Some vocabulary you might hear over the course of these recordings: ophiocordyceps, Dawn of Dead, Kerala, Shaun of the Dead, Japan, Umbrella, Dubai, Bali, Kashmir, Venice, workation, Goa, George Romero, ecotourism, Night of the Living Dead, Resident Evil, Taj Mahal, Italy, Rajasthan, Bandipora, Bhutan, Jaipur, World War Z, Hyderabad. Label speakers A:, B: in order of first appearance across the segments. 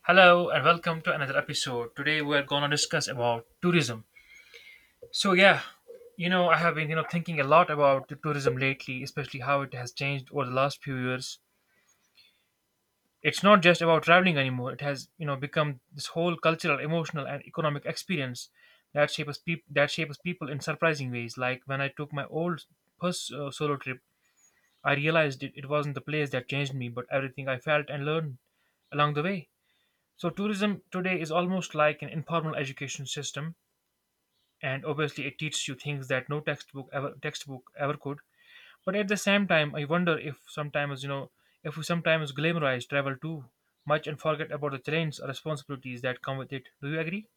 A: Hello and welcome to another episode. Today we are gonna discuss about tourism. So yeah, I have been thinking a lot about the tourism lately, especially how it has changed over the last few years. It's not just about traveling anymore. It has become this whole cultural, emotional, and economic experience that shapes people in surprising ways. Like when I took my old first solo trip, I realized it wasn't the place that changed me, but everything I felt and learned along the way. So tourism today is almost like an informal education system, and obviously it teaches you things that no textbook ever could. But at the same time, I wonder if we sometimes glamorize travel too much and forget about the challenges or responsibilities that come with it. Do you agree?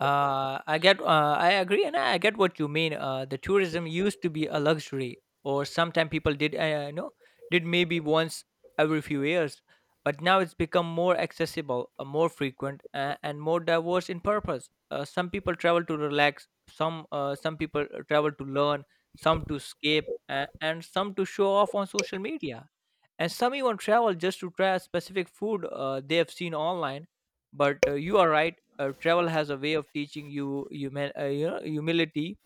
B: I agree, and I get what you mean. The tourism used to be a luxury, or sometimes people did, know, did maybe once every few years, but now it's become more accessible, more frequent, and more diverse in purpose. Some people travel to relax, some people travel to learn, some to escape, and some to show off on social media, and some even travel just to try a specific food they have seen online. But you are right. Travel has a way of teaching you humility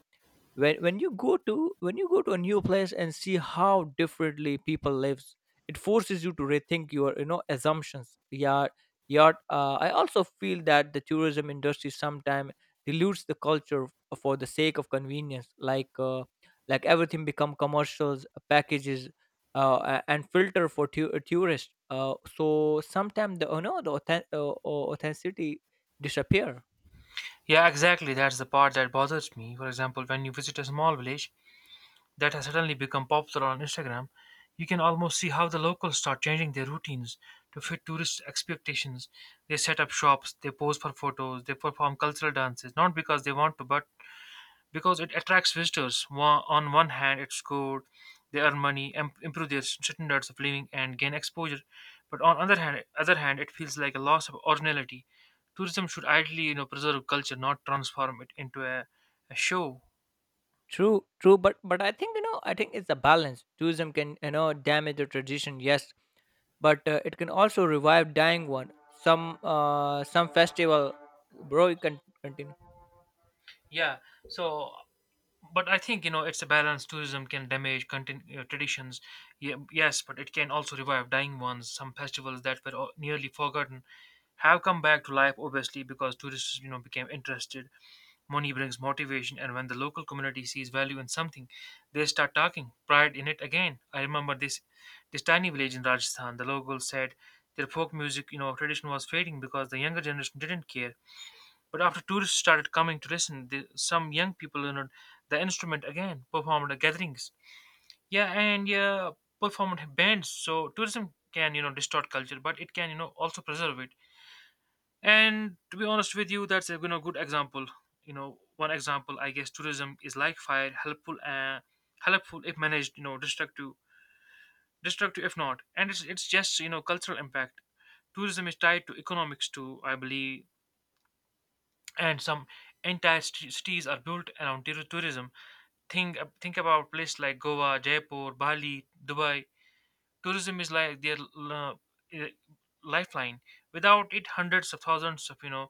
B: when when you go to a new place and see how differently people lives. It forces you to rethink your assumptions. Yeah, yeah. I also feel that the tourism industry sometimes dilutes the culture for the sake of convenience, like everything become commercials packages and filter for tourists. Uh, so sometimes the the authenticity disappear.
A: Yeah, exactly. That's the part that bothers me. For example, when you visit a small village, that has suddenly become popular on Instagram, you can almost see how the locals start changing their routines to fit tourist expectations. They set up shops, they pose for photos, they perform cultural dances, not because they want to, but because it attracts visitors. On one hand, it's good, they earn money, improve their standards of living, and gain exposure. But other hand, it feels like a loss of originality. Tourism should ideally, you know, preserve culture, not transform it into a show.
B: True, true, but I think I think it's a balance. Tourism can damage the tradition, yes, but it can also revive dying one. Some festival, bro. You can continue.
A: Yeah. So but I think it's a balance. Tourism can damage traditions. Yes, but it can also revive dying ones. Some festivals that were nearly forgotten have come back to life, obviously, because tourists became interested. Money brings motivation, and when the local community sees value in something, they start talking pride in it again. I remember this tiny village in Rajasthan. The locals said their folk music tradition was fading because the younger generation didn't care, but after tourists started coming to listen, some young people learned the instrument again, performed at gatherings. Yeah, and yeah, performed bands. So tourism can distort culture, but it can also preserve it. And to be honest with you, that's a good example. You know, one example, I guess tourism is like fire, helpful if managed. You know, destructive if not. And it's just cultural impact. Tourism is tied to economics too, I believe, and some entire cities are built around tourism. Think about places like Goa, Jaipur, Bali, Dubai. Tourism is like their uh, lifeline. Without it, hundreds of thousands of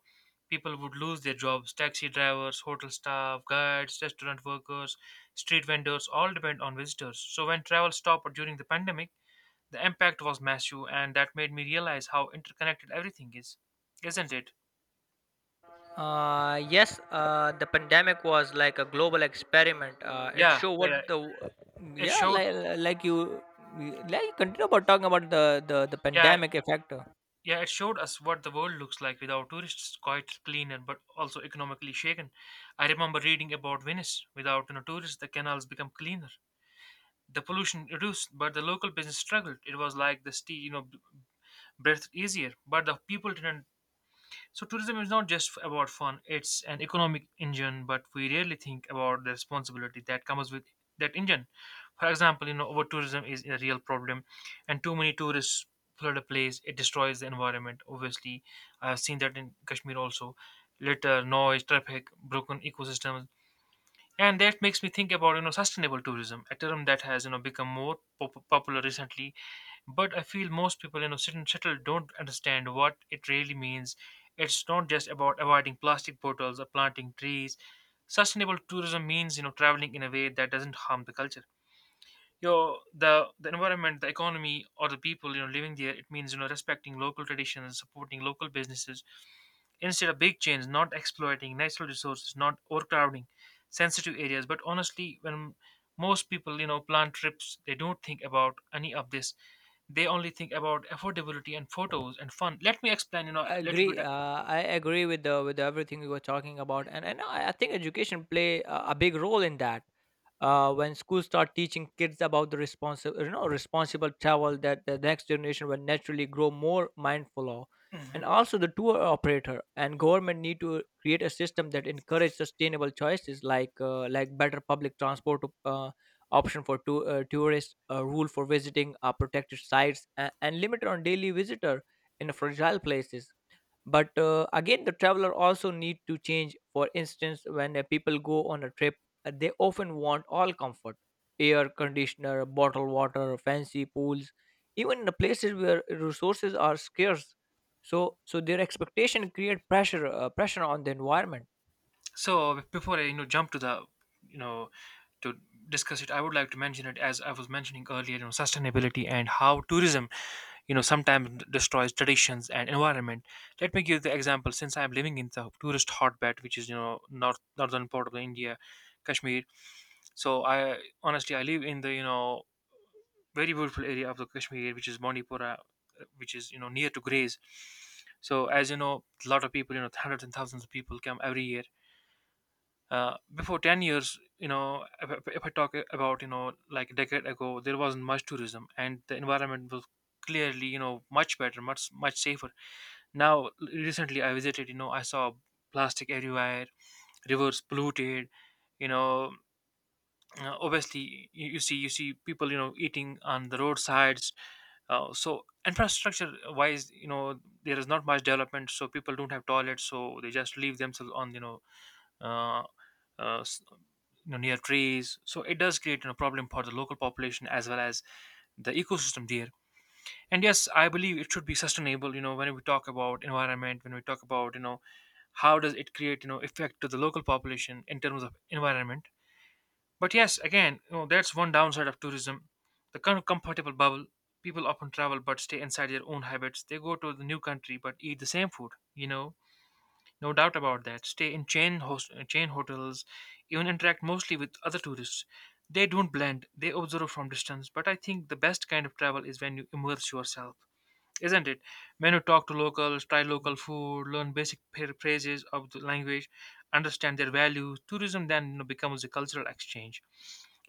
A: people would lose their jobs: taxi drivers, hotel staff, guides, restaurant workers, street vendors all depend on visitors. So when travel stopped during the pandemic, the impact was massive, and that made me realize how interconnected everything is, isn't it?
B: Yes, the pandemic was like a global experiment. It
A: Yeah.
B: showed what
A: Yeah.
B: the,
A: It
B: yeah,
A: showed.
B: like you continue about talking about the
A: Yeah.
B: pandemic effect.
A: Yeah, it showed us what the world looks like without tourists, quite clean and but also economically shaken. I remember reading about Venice. Without tourists, the canals become cleaner. The pollution reduced, but the local business struggled. It was like the sea, you know, breathed easier, but the people didn't. So tourism is not just about fun; it's an economic engine. But we rarely think about the responsibility that comes with that engine. For example, over tourism is a real problem, and too many tourists flood a place. It destroys the environment. Obviously, I have seen that in Kashmir also. Litter, noise, traffic, broken ecosystems. And that makes me think about sustainable tourism, a term that has become more popular recently. But I feel most people settled don't understand what it really means. It's not just about avoiding plastic bottles or planting trees. Sustainable tourism means traveling in a way that doesn't harm the culture. You know, the environment, the economy, or the people living there. It means respecting local traditions, supporting local businesses, instead of big chains, not exploiting natural resources, not overcrowding sensitive areas. But honestly, when most people, you know, plan trips, they don't think about any of this. They only think about affordability and photos and fun. Let me explain, a
B: I
A: little
B: agree,
A: bit.
B: I agree with the with everything we were talking about, and I think education play a big role in that. Uh, when schools start teaching kids about the responsible, responsible travel, that the next generation will naturally grow more mindful of. And
A: Mhm.
B: also the tour operator and government need to create a system that encourage sustainable choices, like better public transport uh, option for tourists, a rule for visiting protected sites, and limit on daily visitor in fragile places. But again, the traveler also need to change. For instance, when people go on a trip, they often want all comfort: air conditioner, bottled water, fancy pools, even in the places where resources are scarce. So their expectation create pressure, pressure on the environment.
A: So before I, jump to you know, to discuss it, I would like to mention, it as I was mentioning earlier, sustainability and how tourism sometimes destroys traditions and environment. Let me give the example, since I'm living in the tourist hotbed, which is northern part of India, Kashmir. So I, honestly, I live in the very beautiful area of the Kashmir, which is Bandipora, which is near to Grays. So as you know, a lot of people, hundreds and thousands of people, come every year. Before 10 years, if I talk about, like a decade ago, there wasn't much tourism and the environment was clearly, much better, much much safer. Now, recently I visited, you know, I saw plastic everywhere, rivers polluted, you know, obviously you see people, you know, eating on the roadsides. So infrastructure wise, you know, there is not much development, so people don't have toilets, so they just leave themselves on, uh, uh, s- near trees. So it does create a problem for the local population as well as the ecosystem there. And yes, I believe it should be sustainable. You know, when we talk about environment, when we talk about how does it create effect to the local population in terms of environment. But yes, again, that's one downside of tourism: the kind of comfortable bubble. People often travel but stay inside their own habits. They go to the new country but eat the same food, no doubt about that, stay in chain hotels, even interact mostly with other tourists. They don't blend, they observe from distance. But I think the best kind of travel is when you immerse yourself, isn't it? When you talk to locals, try local food, learn basic phrases of the language, understand their values, tourism then, becomes a cultural exchange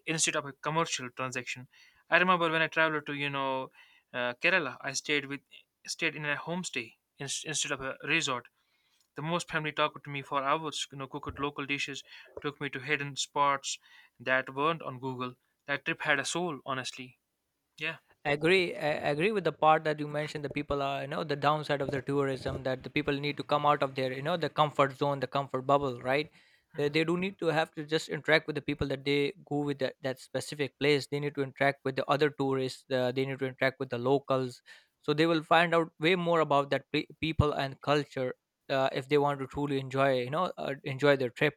A: instead of a commercial transaction. I remember when I traveled to Kerala, I stayed in a homestay instead of a resort. The most family talked to me for hours, you know, cooked local dishes, took me to hidden spots that weren't on Google. That trip had a soul, honestly. Yeah.
B: Agree. I agree with the part that you mentioned: the people are, the downside of the tourism, that the people need to come out of their, the comfort zone, the comfort bubble, right? They do need to have to just interact with the people that they go with, that specific place. They need to interact with the other tourists, they need to interact with the locals, so they will find out way more about that people and culture, if they want to truly enjoy, enjoy their trip.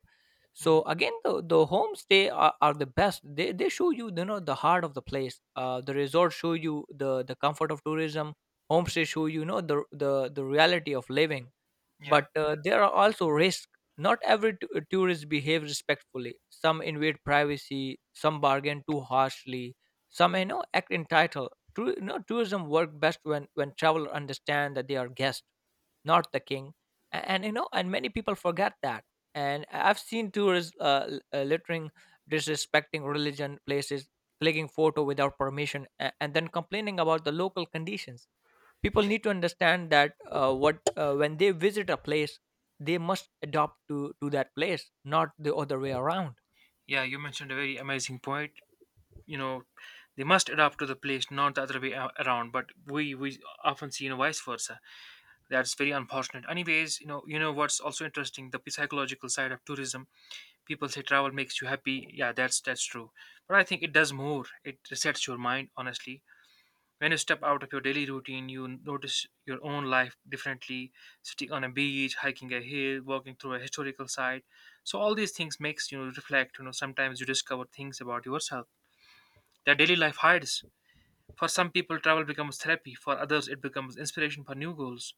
B: So
A: Hmm.
B: again, the homestay are the best. They show you, you know the heart of the place. Uh, the resort show you the comfort of tourism. Homestay show you, the reality of living.
A: Yeah,
B: But there are also risks. Not every tourist behave respectfully. Some invade privacy, some bargain too harshly, some act entitled. Tour, you know tourism work best when travelers understand that they are guests, not the king. And and many people forget that. And I've seen tourists littering, disrespecting religion places, clicking photo without permission, and then complaining about the local conditions. People need to understand that what when they visit a place, they must adopt to that place, not the other way around.
A: yeah. You mentioned a very amazing point. you know they must adapt to the place, not the other way around, but we often see, vice versa. That's very unfortunate. Anyways, what's also interesting, the psychological side of tourism. People say travel makes you happy. Yeah, that's true. But I think it does more, it resets your mind, honestly. When you step out of your daily routine, you notice your own life differently. Sitting on a beach, hiking a hill, walking through a historical site, so all these things makes, reflect, sometimes you discover things about yourself that daily life hides. For some people, travel becomes therapy, for others, it becomes inspiration for new goals,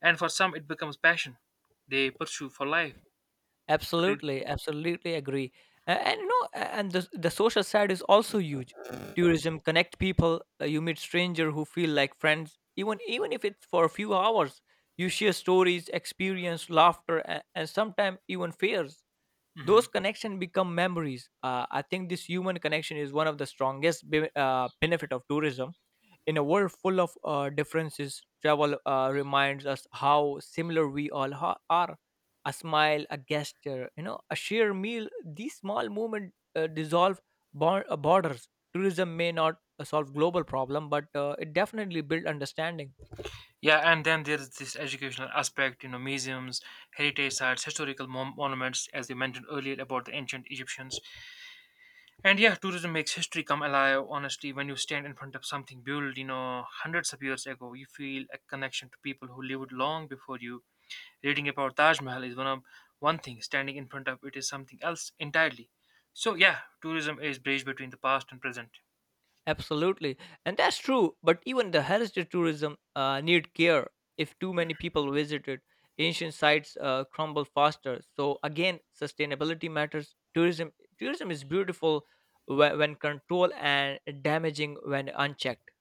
A: and for some, it becomes passion they pursue for life. Could.
B: Absolutely, absolutely agree. And, you know, and the social side is also huge. Tourism connect people. You meet stranger who feel like friends, even if it's for a few hours. You share stories, experience, laughter, and sometimes even fears. Those
A: Mhm.
B: connections become memories. I think this human connection is one of the strongest benefit of tourism in a world full of differences. Travel reminds us how similar we all are. A smile, a gesture, you know, a shared meal, these small movements dissolve borders. Tourism may not solve global problem, but it definitely built understanding.
A: Yeah, and then there's this educational aspect, you know, museums, heritage sites, historical monuments, as you mentioned earlier about the ancient Egyptians. And yeah, tourism makes history come alive, honestly. When you stand in front of something built, you know, hundreds of years ago, you feel a connection to people who lived long before you. Reading about Taj Mahal is one thing, standing in front of it is something else entirely. So yeah, tourism is bridge between the past and present.
B: Absolutely, and that's true. But even the heritage tourism need care. If too many people visit it, ancient sites crumble faster. So again, sustainability matters. Tourism, tourism is beautiful when controlled, and damaging when unchecked.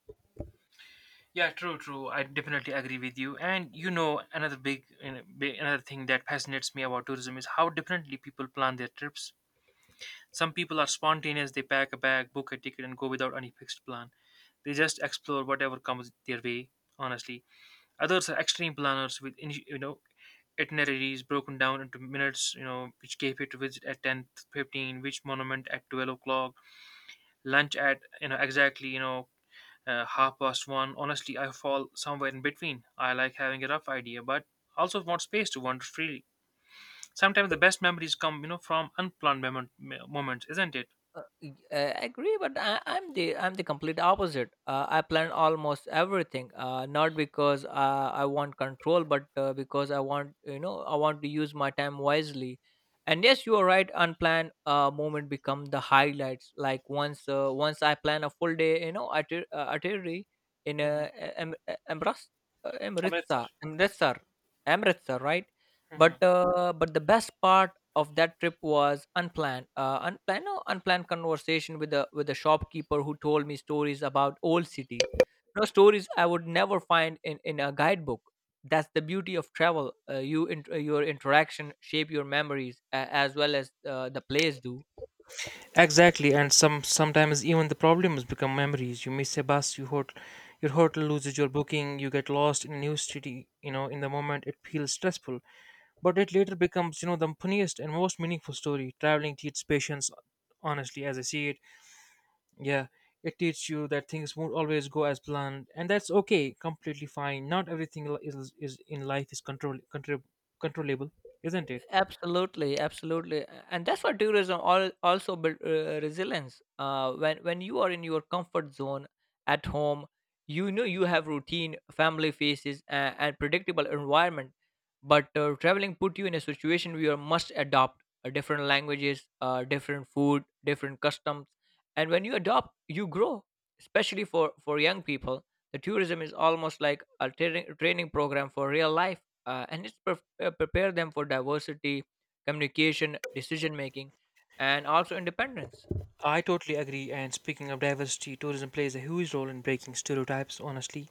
A: Yeah, true, true. I definitely agree with you. And you know, another thing that fascinates me about tourism is how differently people plan their trips. Some people are spontaneous; they pack a bag, book a ticket, and go without any fixed plan. They just explore whatever comes their way. Honestly, others are extreme planners with itineraries broken down into minutes, you know, which cafe to visit at 10:15, which monument at 12 o'clock, lunch at, you know, exactly, half past one. Honestly, I fall somewhere in between. I like having a rough idea, but also want space to wander freely. Sometimes the best memories come, you know, from unplanned moments, isn't it?
B: Agree, but I'm the complete opposite. I plan almost everything, not because I want control, but because I want, I want to use my time wisely. And yes, you are right. Unplanned moment become the highlights. Like once I plan a full day, you know, artillery in a
A: hmm
B: em- Emras-
A: I
B: Amritsar, Amritsar, right? But the best part of that trip was unplanned unplanned no, unplanned conversation with the shopkeeper who told me stories about old city. No stories I would never find in a guidebook. That's the beauty of travel. Your interaction shape your memories as well as the place do.
A: Exactly, and sometimes even the problems become memories. You miss a bus, you hot, your hotel loses your booking, you get lost in a new city. You know, in the moment it feels stressful, but it later becomes the funniest and most meaningful story. Traveling teaches patience, honestly, as I see it. Yeah, it teaches you that things won't always go as planned, and that's okay, completely fine. Not everything is in life is controllable, isn't it?
B: Absolutely, absolutely. And that's what tourism also build resilience. When you are in your comfort zone at home, you know you have routine, family faces, and predictable environment. But traveling put you in a situation where you must adopt different languages, different food, different customs, and when you adopt, you grow. Especially for young people, the tourism is almost like a training program for real life and it's prepare them for diversity, communication, decision making, and also independence.
A: I totally agree. And speaking of diversity, tourism plays a huge role in breaking stereotypes, honestly.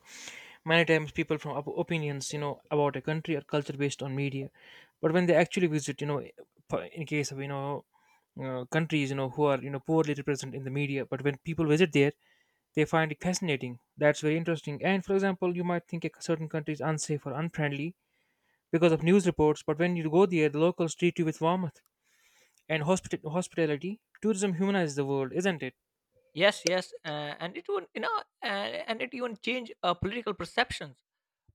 A: Many times people from opinions, you know, about a country or culture based on media. But when they actually visit, in case of, countries, who are, you know, poorly represented in the media, but when people visit there, they find it fascinating. That's very interesting. And for example, you might think a certain country is unsafe or unfriendly because of news reports, but when you go there, the locals treat you with warmth and hospitality. Tourism humanizes the world, isn't it?
B: Yes, yes, and it would you know, and it even change political perceptions.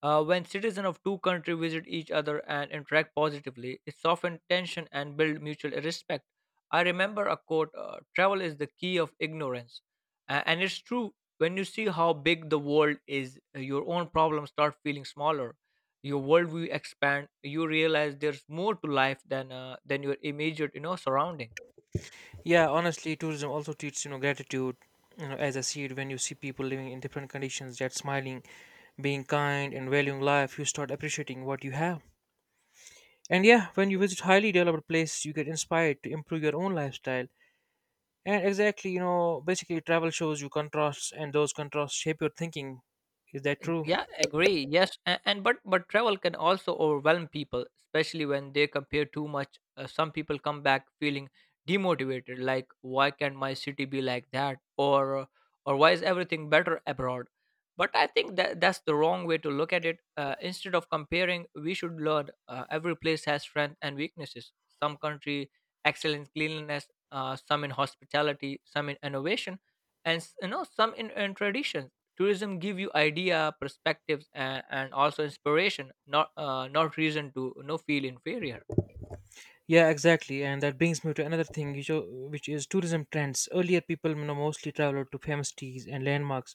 B: When citizens of two countries visit each other and interact positively, it softens tension and builds mutual respect. I remember a quote: travel is the key of ignorance. And it's true. When you see how big the world is, your own problems start feeling smaller. Your worldview expand. You realize there's more to life than your immediate, surrounding.
A: Yeah, honestly, tourism also teaches gratitude. You know, as I see it, when you see people living in different conditions, yet smiling, being kind, and valuing life, you start appreciating what you have. And yeah, when you visit highly developed places, you get inspired to improve your own lifestyle. And exactly, you know, basically, travel shows you contrasts, and those contrasts shape your thinking. Is that true?
B: Yeah, agree. Yes, and but travel can also overwhelm people, especially when they compare too much. Some people come back feeling demotivated, like, why can't my city be like that, or why is everything better abroad? But I think that's the wrong way to look at it. Instead of comparing, we should learn. Every place has strengths and weaknesses. Some country excel in cleanliness, some in hospitality, some in innovation, and some in tradition. Tourism give you idea perspectives, and also inspiration, not not reason to feel inferior.
A: Yeah, exactly. And that brings me to another thing, which is tourism trends. Earlier, people, you know, mostly traveled to famous teas and landmarks.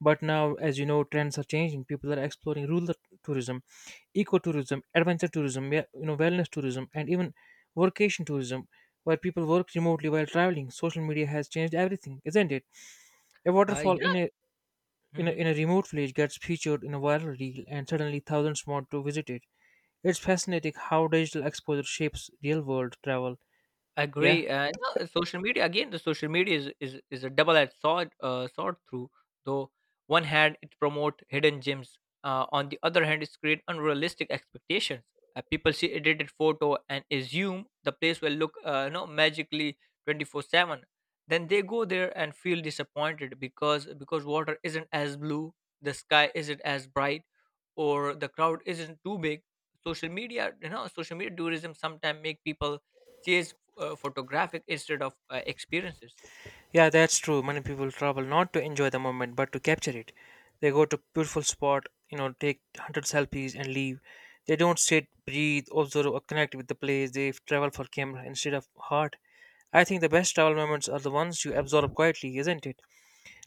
A: But now, as you know, trends are changing. People are exploring rural tourism, ecotourism, adventure tourism, yeah, you know, wellness tourism, and even workation tourism, where people work remotely while traveling. Social media has changed everything, isn't it? A waterfall
B: Yeah.
A: in a
B: Mhm.
A: in a remote village gets featured in a viral reel, and suddenly thousands want to visit it. It's fascinating how digital exposure shapes real world travel. Yeah.
B: Agree. No, Social media, again. The social media is a double-edged sword. Sword through though. One hand, it promote hidden gems. On the other hand, it create unrealistic expectations. People see edited photo and assume the place will look, magically 24/7. Then they go there and feel disappointed because water isn't as blue, the sky isn't as bright, or the crowd isn't too big. Social media, you know, social media tourism sometimes make people chase photographic instead of experiences.
A: Yeah, that's true. Many people travel not to enjoy the moment but to capture it. They go to beautiful spot, you know, take hundred selfies and leave. They don't sit, breathe, observe or connect with the place. They travel for camera instead of heart. I think the best travel moments are the ones you absorb quietly, isn't it?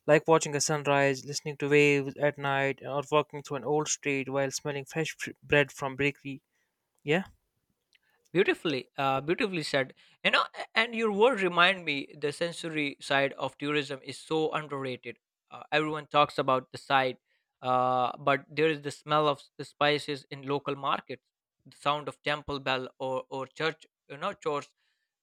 A: Like watching a sunrise, listening to waves at night, or walking through an old street while smelling fresh bread from bakery. Yeah?
B: Beautifully beautifully said. And your word remind me the sensory side of tourism is so underrated. Uh, everyone talks about the side, but there is the smell of the spices in local markets, the sound of temple bell, or church, chores,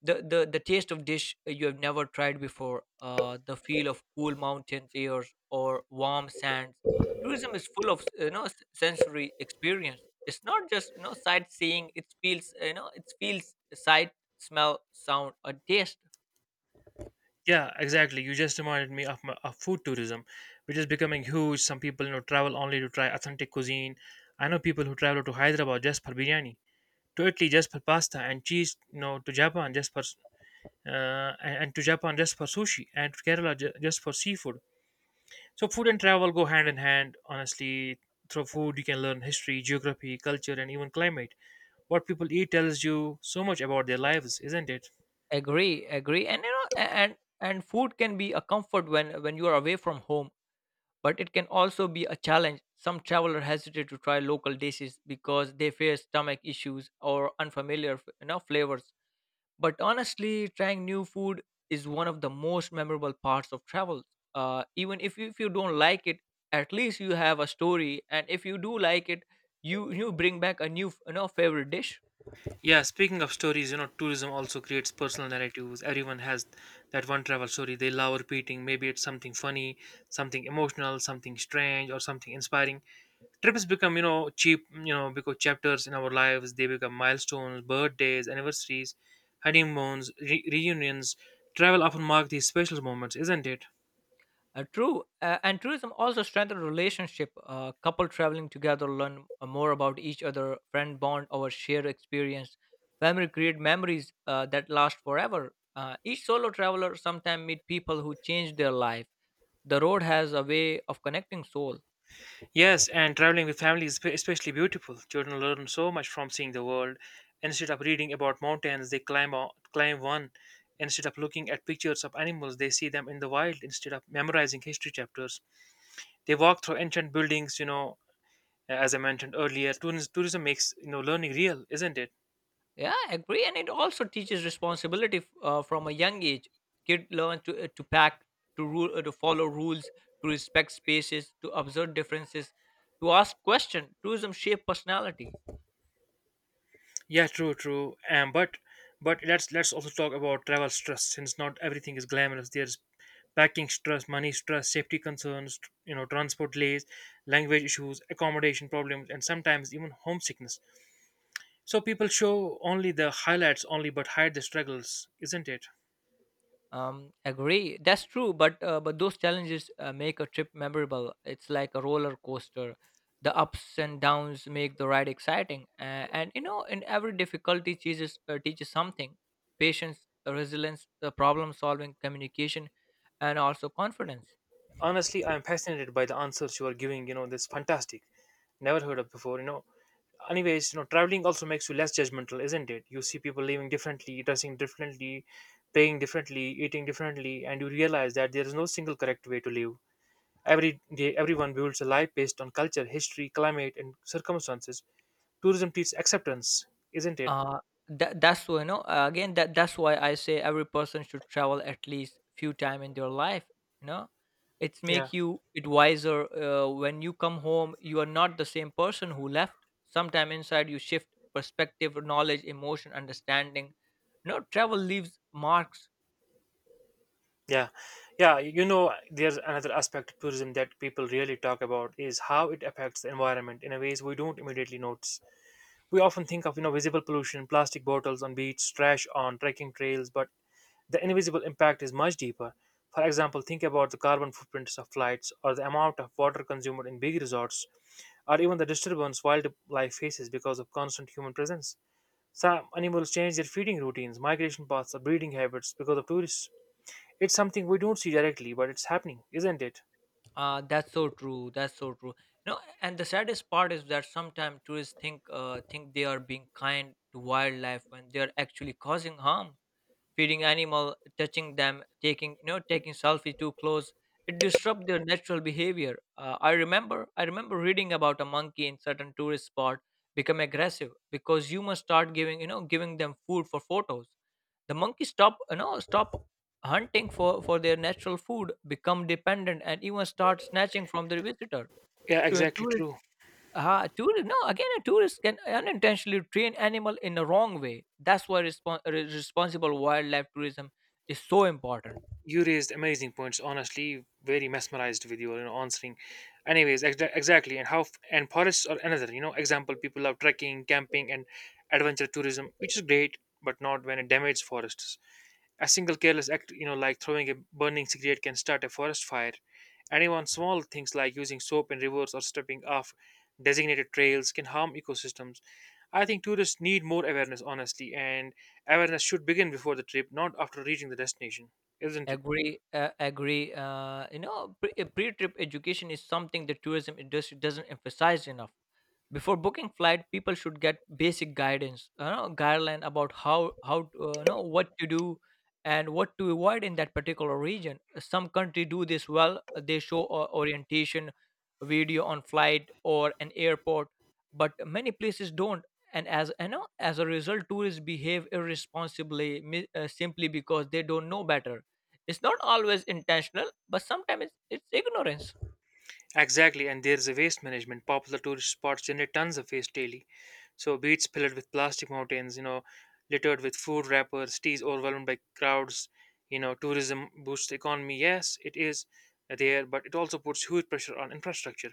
B: the taste of dish you have never tried before, the feel of cool mountain airs or warm sands. Tourism is full of, sensory experience. It's not just, sightseeing. It feels, it feels sight, smell, sound and taste.
A: Yeah, exactly. You just reminded me of food tourism, which is becoming huge. Some people, you know, travel only to try authentic cuisine. I know people who travel to Hyderabad just for biryani, to Italy just for pasta and cheese, you know, to Japan just for sushi, and to Kerala just for seafood. So food and travel go hand in hand. Honestly, through food you can learn history, geography, culture, and even climate. What people eat tells you so much about their lives, isn't it?
B: Agree, agree. And and food can be a comfort when you are away from home, but it can also be a challenge. Some travelers hesitate to try local dishes because they fear stomach issues or unfamiliar flavors. But honestly, trying new food is one of the most memorable parts of travel. Even if you don't like it, at least you have a story, and if you do like it, you bring back a new favorite dish.
A: Yeah, speaking of stories, you know, tourism also creates personal narratives. Everyone has that one travel story they love repeating. Maybe it's something funny, something emotional, something strange, or something inspiring. Trips become, you know, cheap, you know, because chapters in our lives they become milestones, birthdays, anniversaries, honeymoons, reunions. Travel often mark these special moments, isn't it?
B: True, and tourism also strengthen relationship. Couple traveling together learn more about each other, friend bond over shared experience. Family create memories that last forever. Each solo traveler sometimes meet people who change their life. The road has a way of connecting soul.
A: Yes, and traveling with family is especially beautiful. Children learn so much from seeing the world. Instead of reading about mountains, they climb one. Instead of looking at pictures of animals, they see them in the wild. Instead of memorizing history chapters, they walk through ancient buildings. You know, as I mentioned earlier, tourism makes learning real, isn't it?
B: Yeah, I agree. And it also teaches responsibility from a young age. Kid learn to pack, to rule, to follow rules, to respect spaces, to observe differences, to ask questions. Tourism shape personality.
A: Yeah, true, true. But let's also talk about travel stress since not everything is glamorous. There's packing stress, money stress, safety concerns, you know, transport delays, language issues, accommodation problems, and sometimes even homesickness. So people show only the highlights only but hide the struggles, isn't it?
B: Agree. That's true, but those challenges make a trip memorable. It's like a roller coaster. The ups and downs make the ride exciting, and you know, in every difficulty teaches something: patience, resilience, problem solving, communication, and also confidence.
A: Honestly, I'm fascinated by the answers you are giving, this fantastic, never heard of before, you know. Anyways, you know, traveling also makes you less judgmental, isn't it? You see people living differently, dressing differently, praying differently, eating differently, and you realize that there is no single correct way to live. Every day everyone builds a life based on culture, history, climate, and circumstances. Tourism teaches acceptance, isn't it?
B: Uh, that's why, again, that's why I say every person should travel at least few time in their life. You know, it's
A: yeah
B: make you it wiser. When you come home, you are not the same person who left. Sometime inside, you shift perspective, knowledge, emotion, understanding. You know, travel leaves marks.
A: Yeah, yeah. You know, there's another aspect of tourism that people really talk about is how it affects the environment in a ways we don't immediately notice. We often think of, you know, visible pollution, plastic bottles on beach, trash on trekking trails, but the invisible impact is much deeper. For example, think about the carbon footprints of flights, or the amount of water consumed in big resorts, or even the disturbance wildlife faces because of constant human presence. Some animals change their feeding routines, migration paths, or breeding habits because of tourists. It's something we don't see directly, but it's happening, isn't it?
B: That's so true. That's so true. You know, and the saddest part is that sometimes tourists think they are being kind to wildlife when they are actually causing harm feeding animal, touching them, taking you know taking selfie too close. It disrupts their natural behavior. I remember reading about a monkey in certain tourist spot become aggressive because humans start giving you know giving them food for photos. The monkey stop you know stop hunting for their natural food, become dependent, and even start snatching from their visitor.
A: Yeah,
B: To,
A: exactly true.
B: tourist, no, again, a tourist can unintentionally train animal in the wrong way. That's why responsible wildlife tourism is so important.
A: You raised amazing points. Honestly, very mesmerized with your, you know, answering. Anyways, exactly. And forests are another, you know, example. People love trekking, camping, and adventure tourism, which is great, but not when it damages forests. A single careless act, you know, like throwing a burning cigarette can start a forest fire. And even small things like using soap in rivers or stepping off designated trails can harm ecosystems. I think tourists need more awareness, honestly, and awareness should begin before the trip, not after reaching the destination, isn't it?
B: Agree. You know, pre-trip education is something the tourism industry doesn't emphasize enough. Before booking flight people should get basic guidance, you know, guideline about how to, you know, what to do and what to avoid in that particular region. Some country do this well. They show orientation video on flight or an airport, but many places don't. And as you know, as a result, tourists behave irresponsibly simply because they don't know better. It's not always intentional, but sometimes it's ignorance.
A: Exactly, and there is a waste management. Popular tourist spots generate tons of waste daily. So beaches filled with plastic mountains, you know, littered with food wrappers, cities overwhelmed by crowds. You know, tourism boosts the economy. Yes, it is there, but it also puts huge pressure on infrastructure.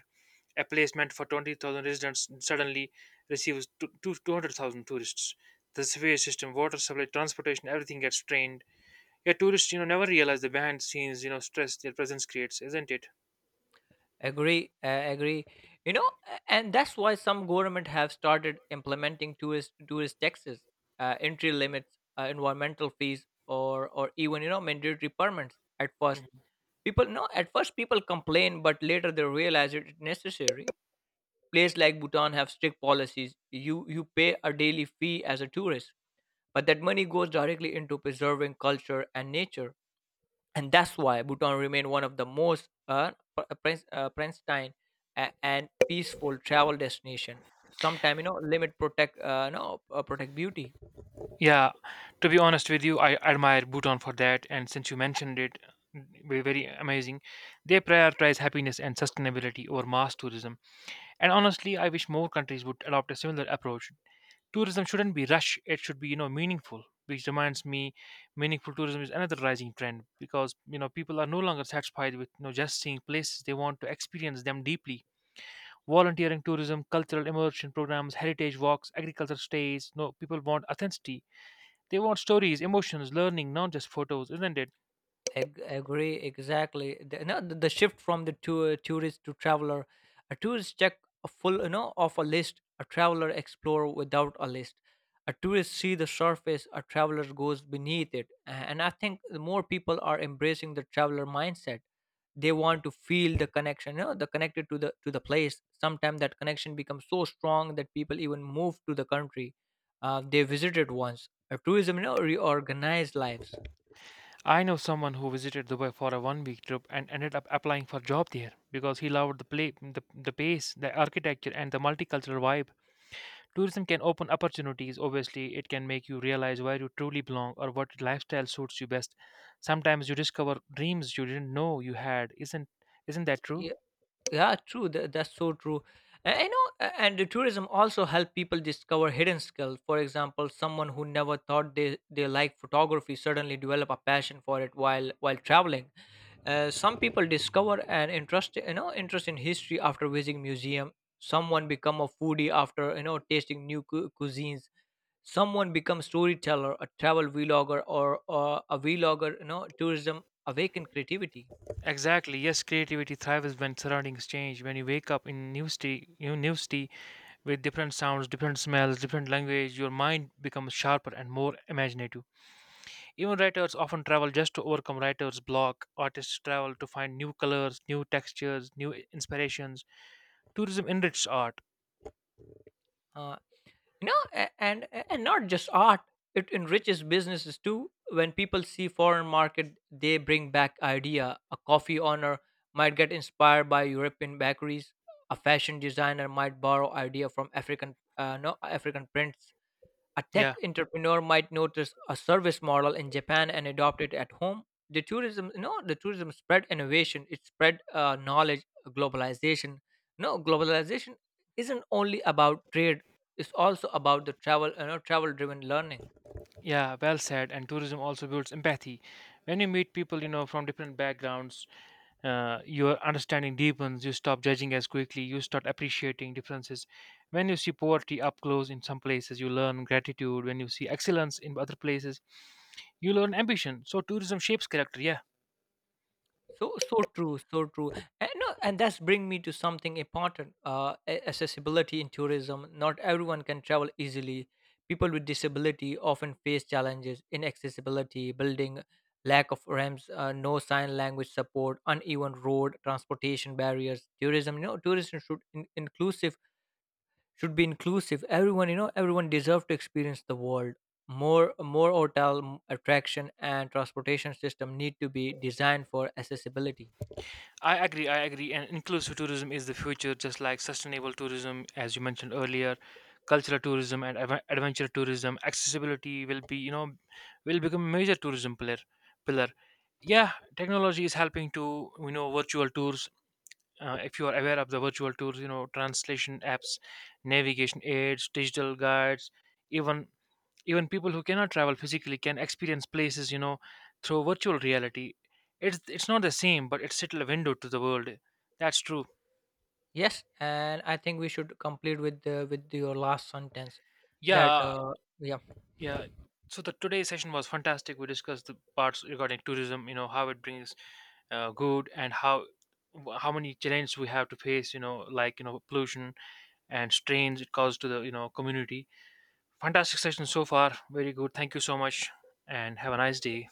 A: A place meant for 20,000 residents suddenly receives 200,000 tourists. The sewage system, water supply, transportation, everything gets strained. Yet tourists, you know, never realize the behind the scenes, you know, stress their presence creates, isn't it?
B: Agree. You know, and that's why some government have started implementing tourist taxes, entry limits, environmental fees, or even, you know, mandatory permits. At first,
A: Hmm.
B: people no, at first people complain, but later they realize it's necessary. Places like Bhutan have strict policies. You pay a daily fee as a tourist, but that money goes directly into preserving culture and nature. And that's why Bhutan remained one of the most Princeton and peaceful travel destination. Sometime, you know, limit protect no protect beauty.
A: Yeah, to be honest with you, I admire Bhutan for that. And since you mentioned it, very, very amazing. They prioritize happiness and sustainability over mass tourism. And honestly, I wish more countries would adopt a similar approach. Tourism shouldn't be rush; it should be, you know, meaningful. Which reminds me, meaningful tourism is another rising trend because, you know, people are no longer satisfied with, you know, just seeing places. They want to experience them deeply. Volunteering tourism, cultural immersion programs, heritage walks, agriculture stays. No, people want authenticity, they want stories, emotions, learning, not just photos, isn't it?
B: Agree, exactly. The, no, the shift from the tourist to traveler. A tourist check a full, you know, of a list. A traveler explore without a list. A tourist see the surface. A traveler goes beneath it. And I think the more people are embracing the traveler mindset. They want to feel the connection, you know, the connected to the place. Sometimes that connection becomes so strong that people even move to the country they visited once. A tourism, you know, reorganized lives.
A: I know someone who visited Dubai for a 1 week trip and ended up applying for a job there because he loved the play, the pace, the architecture, and the multicultural vibe. Tourism can open opportunities, obviously. It can make you realize where you truly belong or what lifestyle suits you best. Sometimes you discover dreams you didn't know you had. Isn't that true?
B: Yeah, yeah, true. That's so true. I know, and the tourism also help people discover hidden skills. For example, someone who never thought they like photography suddenly develop a passion for it while traveling. Some people discover an interest, you know, interest in history after visiting museum. Someone become a foodie after, you know, tasting new cuisines. Someone becomes storyteller, a travel vlogger, or a vlogger. You know, tourism awaken creativity.
A: Exactly. Yes, creativity thrives when surroundings change. When you wake up in new city, new city with different sounds, different smells, different language, your mind becomes sharper and more imaginative. Even writers often travel just to overcome writer's block. Artists travel to find new colors, new textures, new inspirations. Tourism enriches art.
B: Uh, you know a- and and not just art, it enriches businesses too. When people see foreign market, they bring back idea. A coffee owner might get inspired by european bakeries. A fashion designer might borrow idea from african no african prints. A tech
A: Yeah,
B: entrepreneur might notice a service model in japan and adopt it at home. The tourism spread innovation. It spread knowledge, globalization. No Globalization isn't only about trade, it's also about the travel, you know, travel driven learning.
A: yeah, well said. And tourism also builds empathy. When you meet people, you know, from different backgrounds, your understanding deepens. You stop judging as quickly. You start appreciating differences. When you see poverty up close in some places, you learn gratitude. When you see excellence in other places, you learn ambition. So tourism shapes character. Yeah,
B: So so true, so true. And no, and that's bring me to something important. Accessibility in tourism. Not everyone can travel easily. People with disability often face challenges in accessibility, building, lack of ramps, no sign language support, uneven road, transportation barriers. Tourism, you know, tourism should be inclusive. Everyone, you know, everyone deserve to experience the world. More, more hotel, attraction and transportation system need to be designed for accessibility.
A: I agree. I agree. And inclusive tourism is the future, just like sustainable tourism, as you mentioned earlier, cultural tourism and adventure tourism. Accessibility will be, you know, will become a major tourism pillar. Pillar. Yeah, technology is helping to, you know, virtual tours. If you are aware of the virtual tours, you know, translation apps, navigation aids, digital guides, even even people who cannot travel physically can experience places, you know, through virtual reality. It's not the same but it's still a window to the world. That's true.
B: Yes, and I think we should complete with with your last sentence that
A: Yeah,
B: yeah.
A: yeah. So the today's session was fantastic. We discussed the parts regarding tourism, you know, how it brings, good, and how many challenges we have to face, you know, like, you know, pollution and strains it causes to the, you know, community. Fantastic session so far. Very good, thank you so much, and have a nice day.